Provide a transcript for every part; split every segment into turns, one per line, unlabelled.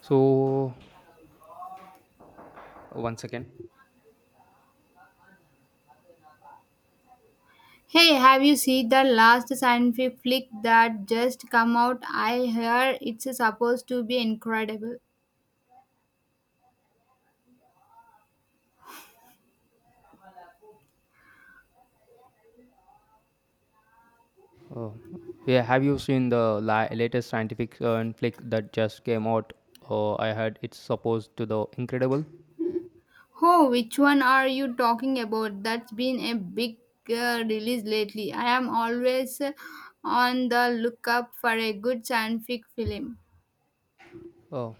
So once again,
Hey, have you seen the last scientific flick that just come out? I hear it's supposed to be incredible.
uh, yeah, have you seen the latest scientific conflict that just came out? I heard it's supposed to the incredible.
Oh, which one are you talking about? That's been a big release lately. I am always on the lookup for a good scientific film.
Uh,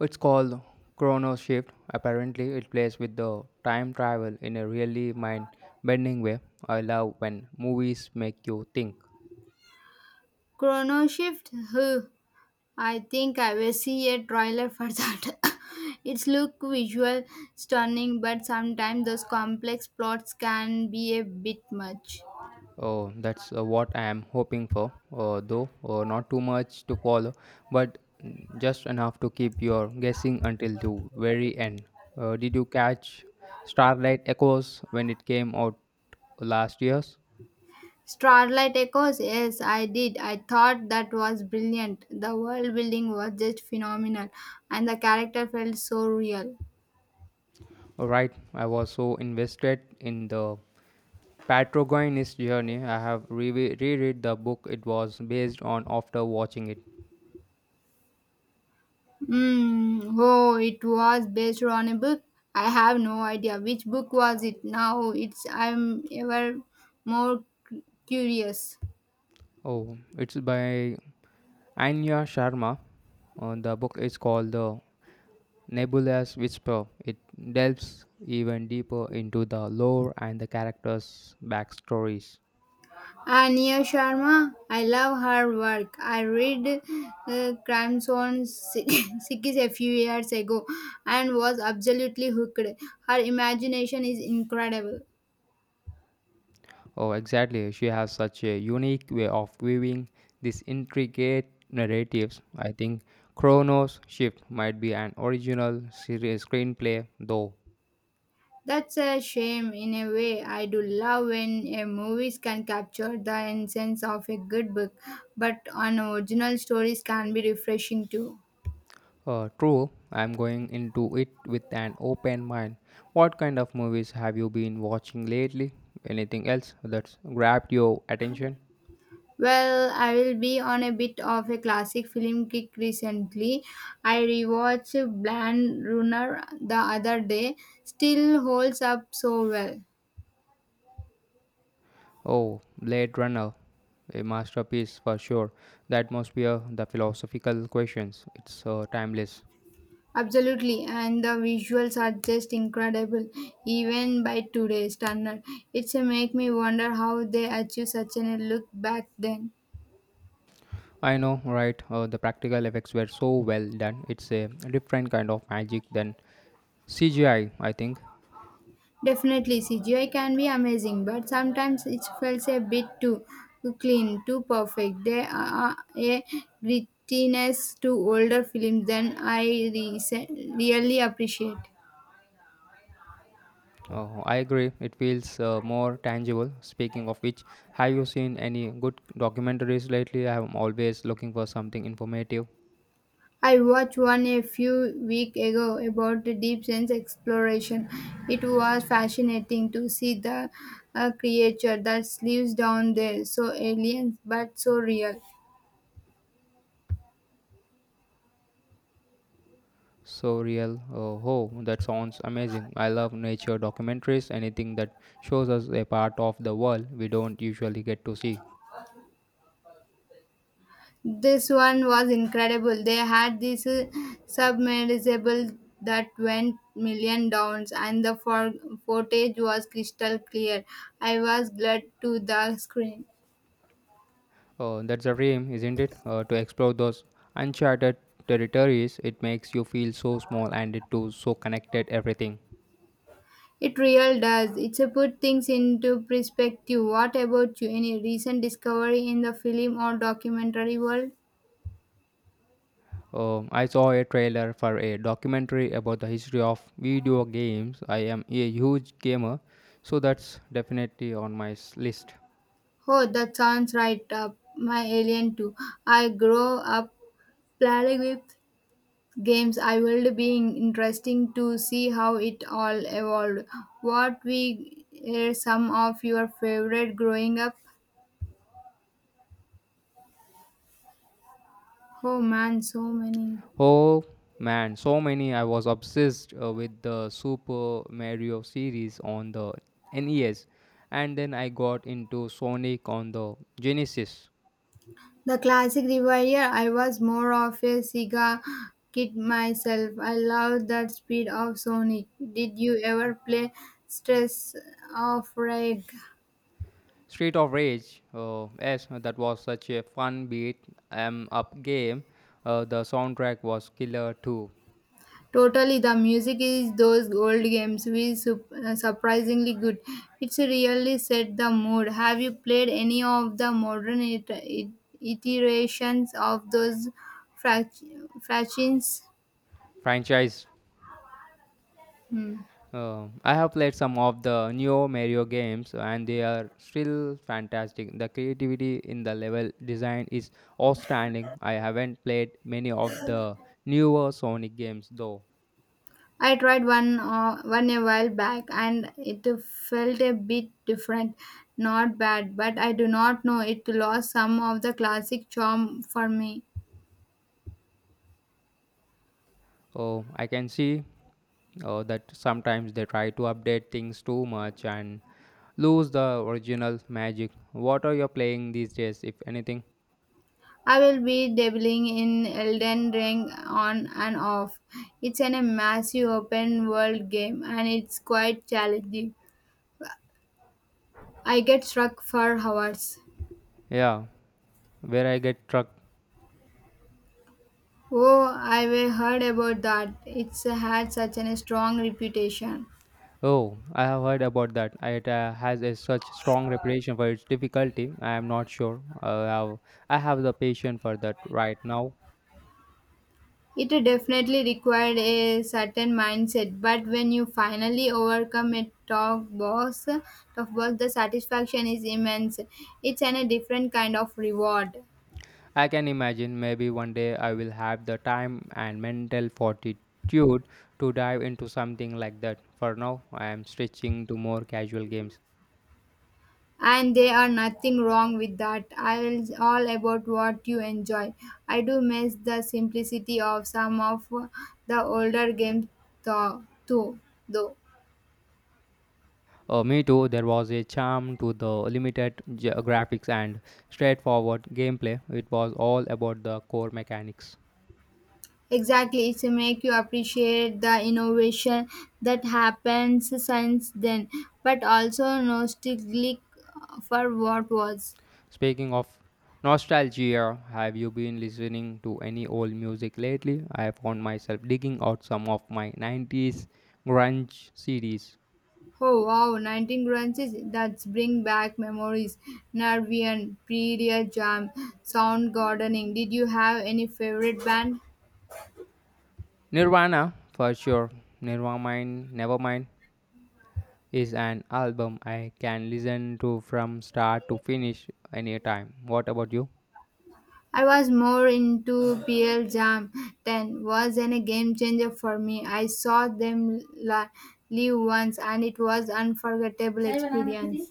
it's called Chrono Shift. Apparently, it plays with the time travel in a really mind-bending way. I love when movies make you think.
Chrono Shift? Huh. I think I will see a trailer for that. It's look visual stunning, but sometimes those complex plots can be a bit much.
Oh, that's what I am hoping for, though not too much to follow, but just enough to keep your guessing until the very end. Did you catch Starlight Echoes when it came out last year's?
Starlight Echoes, yes, I did. I thought that was brilliant. The world building was just phenomenal, and the character felt so real.
Right, I was so invested in the Patrogonist journey. I have reread the book it was based on after watching it.
Mm, oh, it was based on a book. I have no idea which book was it now. It's I'm ever more curious.
Oh, it's by Anya Sharma. The book is called The Nebula's Whisper. It delves even deeper into the lore and the characters' backstories.
Ania Sharma, I love her work. I read Crime Sikis a few years ago and was absolutely hooked. Her imagination is incredible.
Oh, exactly. She has such a unique way of weaving these intricate narratives. I think Chronos Shift might be an original series screenplay, though.
That's a shame in a way. I do love when a movies can capture the essence of a good book, but an original stories can be refreshing too.
True, I'm going into it with an open mind. What kind of movies have you been watching lately? Anything else that's grabbed your attention?
Well, I will be on a bit of a classic film kick recently. I rewatched Bland Runner the other day. Still holds up so well.
Oh, Blade Runner. A masterpiece for sure. The atmosphere, the philosophical questions, it's timeless.
Absolutely, and the visuals are just incredible, even by today's standard. It's a make me wonder how they achieved such a look back then.
I know, right? The practical effects were so well done. It's a different kind of magic than CGI, I think.
Definitely, CGI can be amazing, but sometimes it feels a bit too clean, too perfect. There are a grittiness to older films than I rese- really appreciate.
I agree, it feels more tangible. Speaking of which, have you seen any good documentaries lately? I'm always looking for something informative.
I watched one a few weeks ago about the deep sense exploration. It was fascinating to see the creature that lives down there, so alien but so real.
So real. Oh, that sounds amazing. I love nature documentaries, anything that shows us a part of the world we don't usually get to see.
This one was incredible. They had this submersible that went million downs, and the footage was crystal clear. I was glued to the screen.
That's a dream, isn't it? To explore those uncharted territories, it makes you feel so small and it too so connected everything.
It really does. It's a put things into perspective. What about you? Any recent discovery in the film or documentary world?
I saw a trailer for a documentary about the history of video games. I am a huge gamer, so that's definitely on my list.
Oh, that sounds right up my alien too. I grew up playing with games. I will be interesting to see how it all evolved. What we are some of your favorite growing up? Oh man, so many.
Oh man, so many! I was obsessed with the Super Mario series on the NES, and then I got into Sonic on the Genesis.
The classic revier, I was more of a Sega kid myself. I loved that speed of Sonic. Did you ever play stress of rage?
Street of Rage. Oh, yes, that was such a fun beat em up game. The soundtrack was killer too.
Totally, the music is those old games surprisingly good. It's really set the mood. Have you played any of the modern iterations of those frac- fractions?
Franchise.
Hmm.
I have played some of the Neo Mario games and they are still fantastic. The creativity in the level design is outstanding. I haven't played many of the newer Sonic games though.
I tried one a while back, and it felt a bit different. Not bad, but I do not know it lost some of the classic charm for me.
Oh, I can see that sometimes they try to update things too much and lose the original magic. What are you playing these days, if anything?
I will be dabbling in Elden Ring on and off. It's a massive open world game and it's quite challenging. I get stuck for hours.
Yeah, where I get struck.
Oh, I have heard about that. It's had such a strong reputation.
Oh, I have heard about that. It has a such strong reputation for its difficulty. I am not sure. I have the patience for that right now.
It definitely required a certain mindset, but when you finally overcome a tough boss, the satisfaction is immense. It's a different kind of reward.
I can imagine maybe one day I will have the time and mental fortitude to dive into something like that. For now, I am stretching to more casual games.
And there are nothing wrong with that. I'll all about what you enjoy. I do miss the simplicity of some of the older games though, too, though.
Me too, there was a charm to the limited graphics and straightforward gameplay. It was all about the core mechanics.
Exactly, it's make you appreciate the innovation that happens since then, but also nostalgic for what was.
Speaking of nostalgia, have you been listening to any old music lately? I found myself digging out some of my 90s grunge CDs.
Oh wow, 19 crunches, that's bring back memories. Nervian, Period Jam, Sound Gardening. Did you have any favorite band?
Nirvana, for sure. Nirvana, Nevermind is an album I can listen to from start to finish anytime. What about you?
I was more into PL Jam. 10 was a game changer for me. I saw them live once and it was unforgettable experience.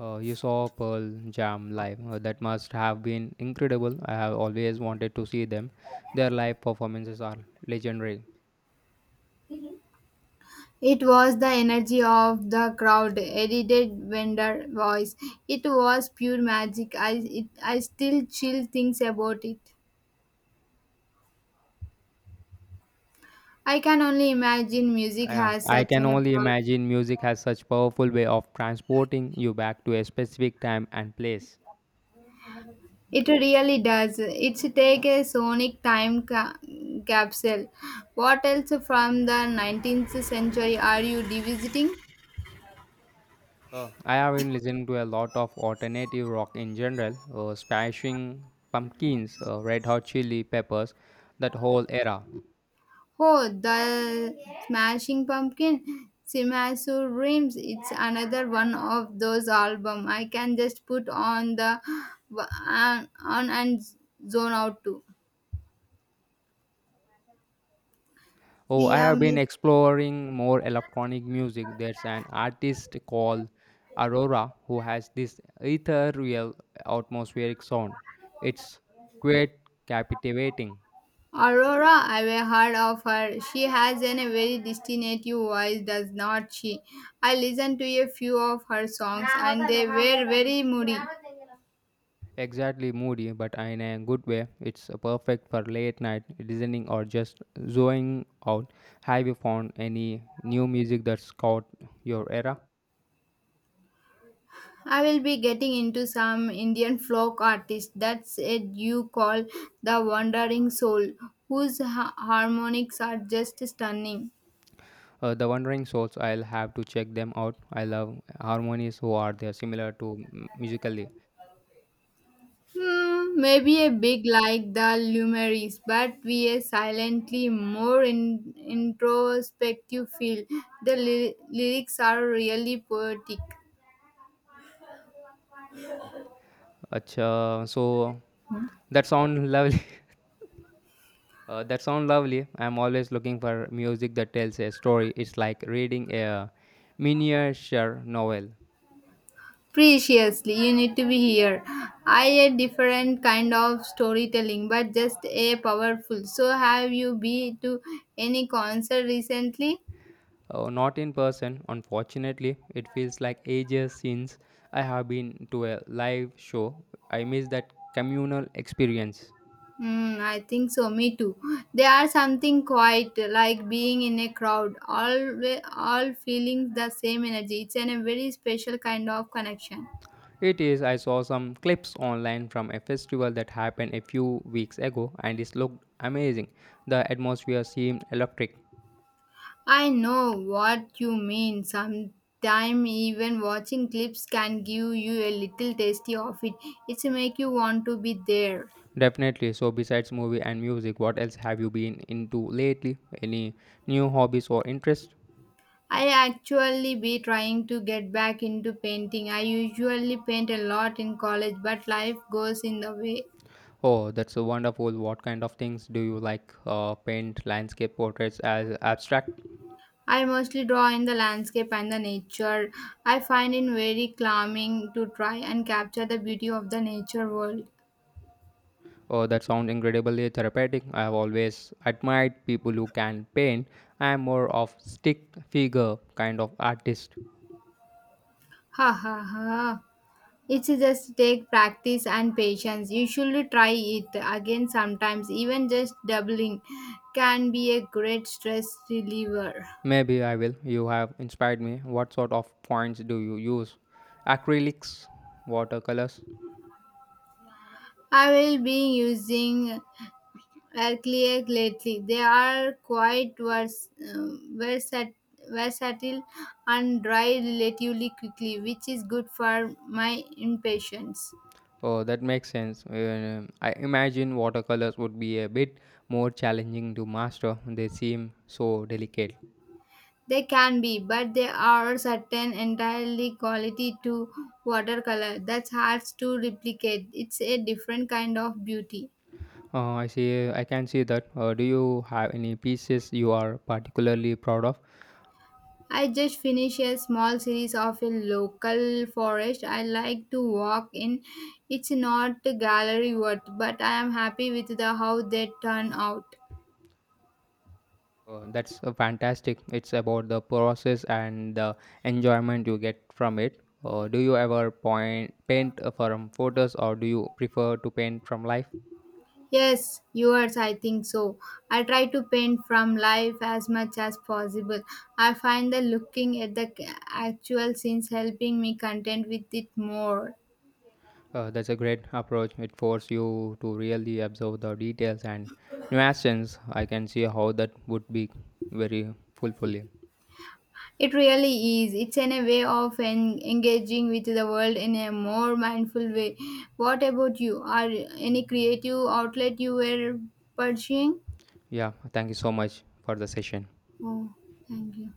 You saw Pearl Jam live. That must have been incredible. I have always wanted to see them. Their live performances are legendary.
It was the energy of the crowd, edited vendor voice. It was pure magic. I still chill things about it. I can only imagine music
Yeah,
has
I
such
can
an
only
power.
imagine music has such powerful way of transporting you back to a specific time and place.
It really does. It's take a sonic time capsule. What else from the 19th century are you revisiting?
I have been listening to a lot of alternative rock in general, Smashing Pumpkins, Red Hot Chili Peppers, that whole era.
Oh, the Smashing Pumpkin, Simasu Dreams. It's another one of those album. I can just put on the on and zone out to.
Oh, I have
Siam
been exploring more electronic music. There's an artist called Aurora who has this ethereal atmospheric sound. It's quite captivating.
Aurora, I've heard of her. She has a very distinctive voice, does not she? I listened to a few of her songs and they were very moody.
Exactly moody, but in a good way. It's perfect for late night listening or just zoning out. Have you found any new music that's caught your era?
I will be getting into some Indian folk artist that's it you call the wandering soul, whose harmonics are just stunning.
The Wandering Souls, I'll have to check them out. I love harmonies who are there similar to musically.
Hmm, maybe a big like the Lumeris, but we a silently more introspective feel. The lyrics are really poetic.
Acha, so that sound lovely. That sound lovely. I'm always looking for music that tells a story. It's like reading a miniature novel.
Preciously, you need to be here. I a different kind of storytelling, but just a powerful. So have you been to any concert recently?
Not in person, unfortunately. It feels like ages since I have been to a live show. I miss that communal experience.
Mm, I think so. Me too. They are something quite like being in a crowd, we- all feeling the same energy. It's in a very special kind of connection.
It is. I saw some clips online from a festival that happened a few weeks ago, and it looked amazing. The atmosphere seemed electric.
I know what you mean. Sometime even watching clips can give you a little tasty of it. It's make you want to be there.
Definitely. So, besides movie and music, what else have you been into lately? Any new hobbies or interests?
I actually be trying to get back into painting. I usually paint a lot in college, but life goes in the way.
Oh, that's so wonderful. What kind of things do you like? Paint landscape portraits as abstract?
I mostly draw in the landscape and the nature. I find it very calming to try and capture the beauty of the nature world.
Oh, that sounds incredibly therapeutic. I have always admired people who can paint. I am more of stick figure kind of artist.
Ha ha ha. It's just take practice and patience. You should try it again sometimes. Even just doubling can be a great stress reliever.
Maybe I will. You have inspired me. What sort of points do you use? Acrylics, watercolors.
I will be using are Clear lately. They are um, versat- versatile and dry relatively quickly, which is good for my impatience.
Oh, that makes sense. I imagine watercolors would be a bit more challenging to master. They seem so delicate.
They can be, but there are certain entirely quality to watercolor that's hard to replicate. It's a different kind of beauty.
I see. I can see that. Do you have any pieces you are particularly proud of?
I just finished a small series of a local forest I like to walk in. It's not gallery worth, but I am happy with the how they turn out.
That's fantastic. It's about the process and the enjoyment you get from it. Do you ever point paint from photos, or do you prefer to paint from life?
Yes, yours I think so. I try to paint from life as much as possible. I find the looking at the actual scenes helping me content with it more.
That's a great approach. It forces you to really observe the details and nuances. I can see how that would be very fulfilling.
It really is. It's in a way of engaging with the world in a more mindful way. What about you? Are any creative outlet you were pursuing?
Yeah, thank you so much for the session.
Oh, thank you.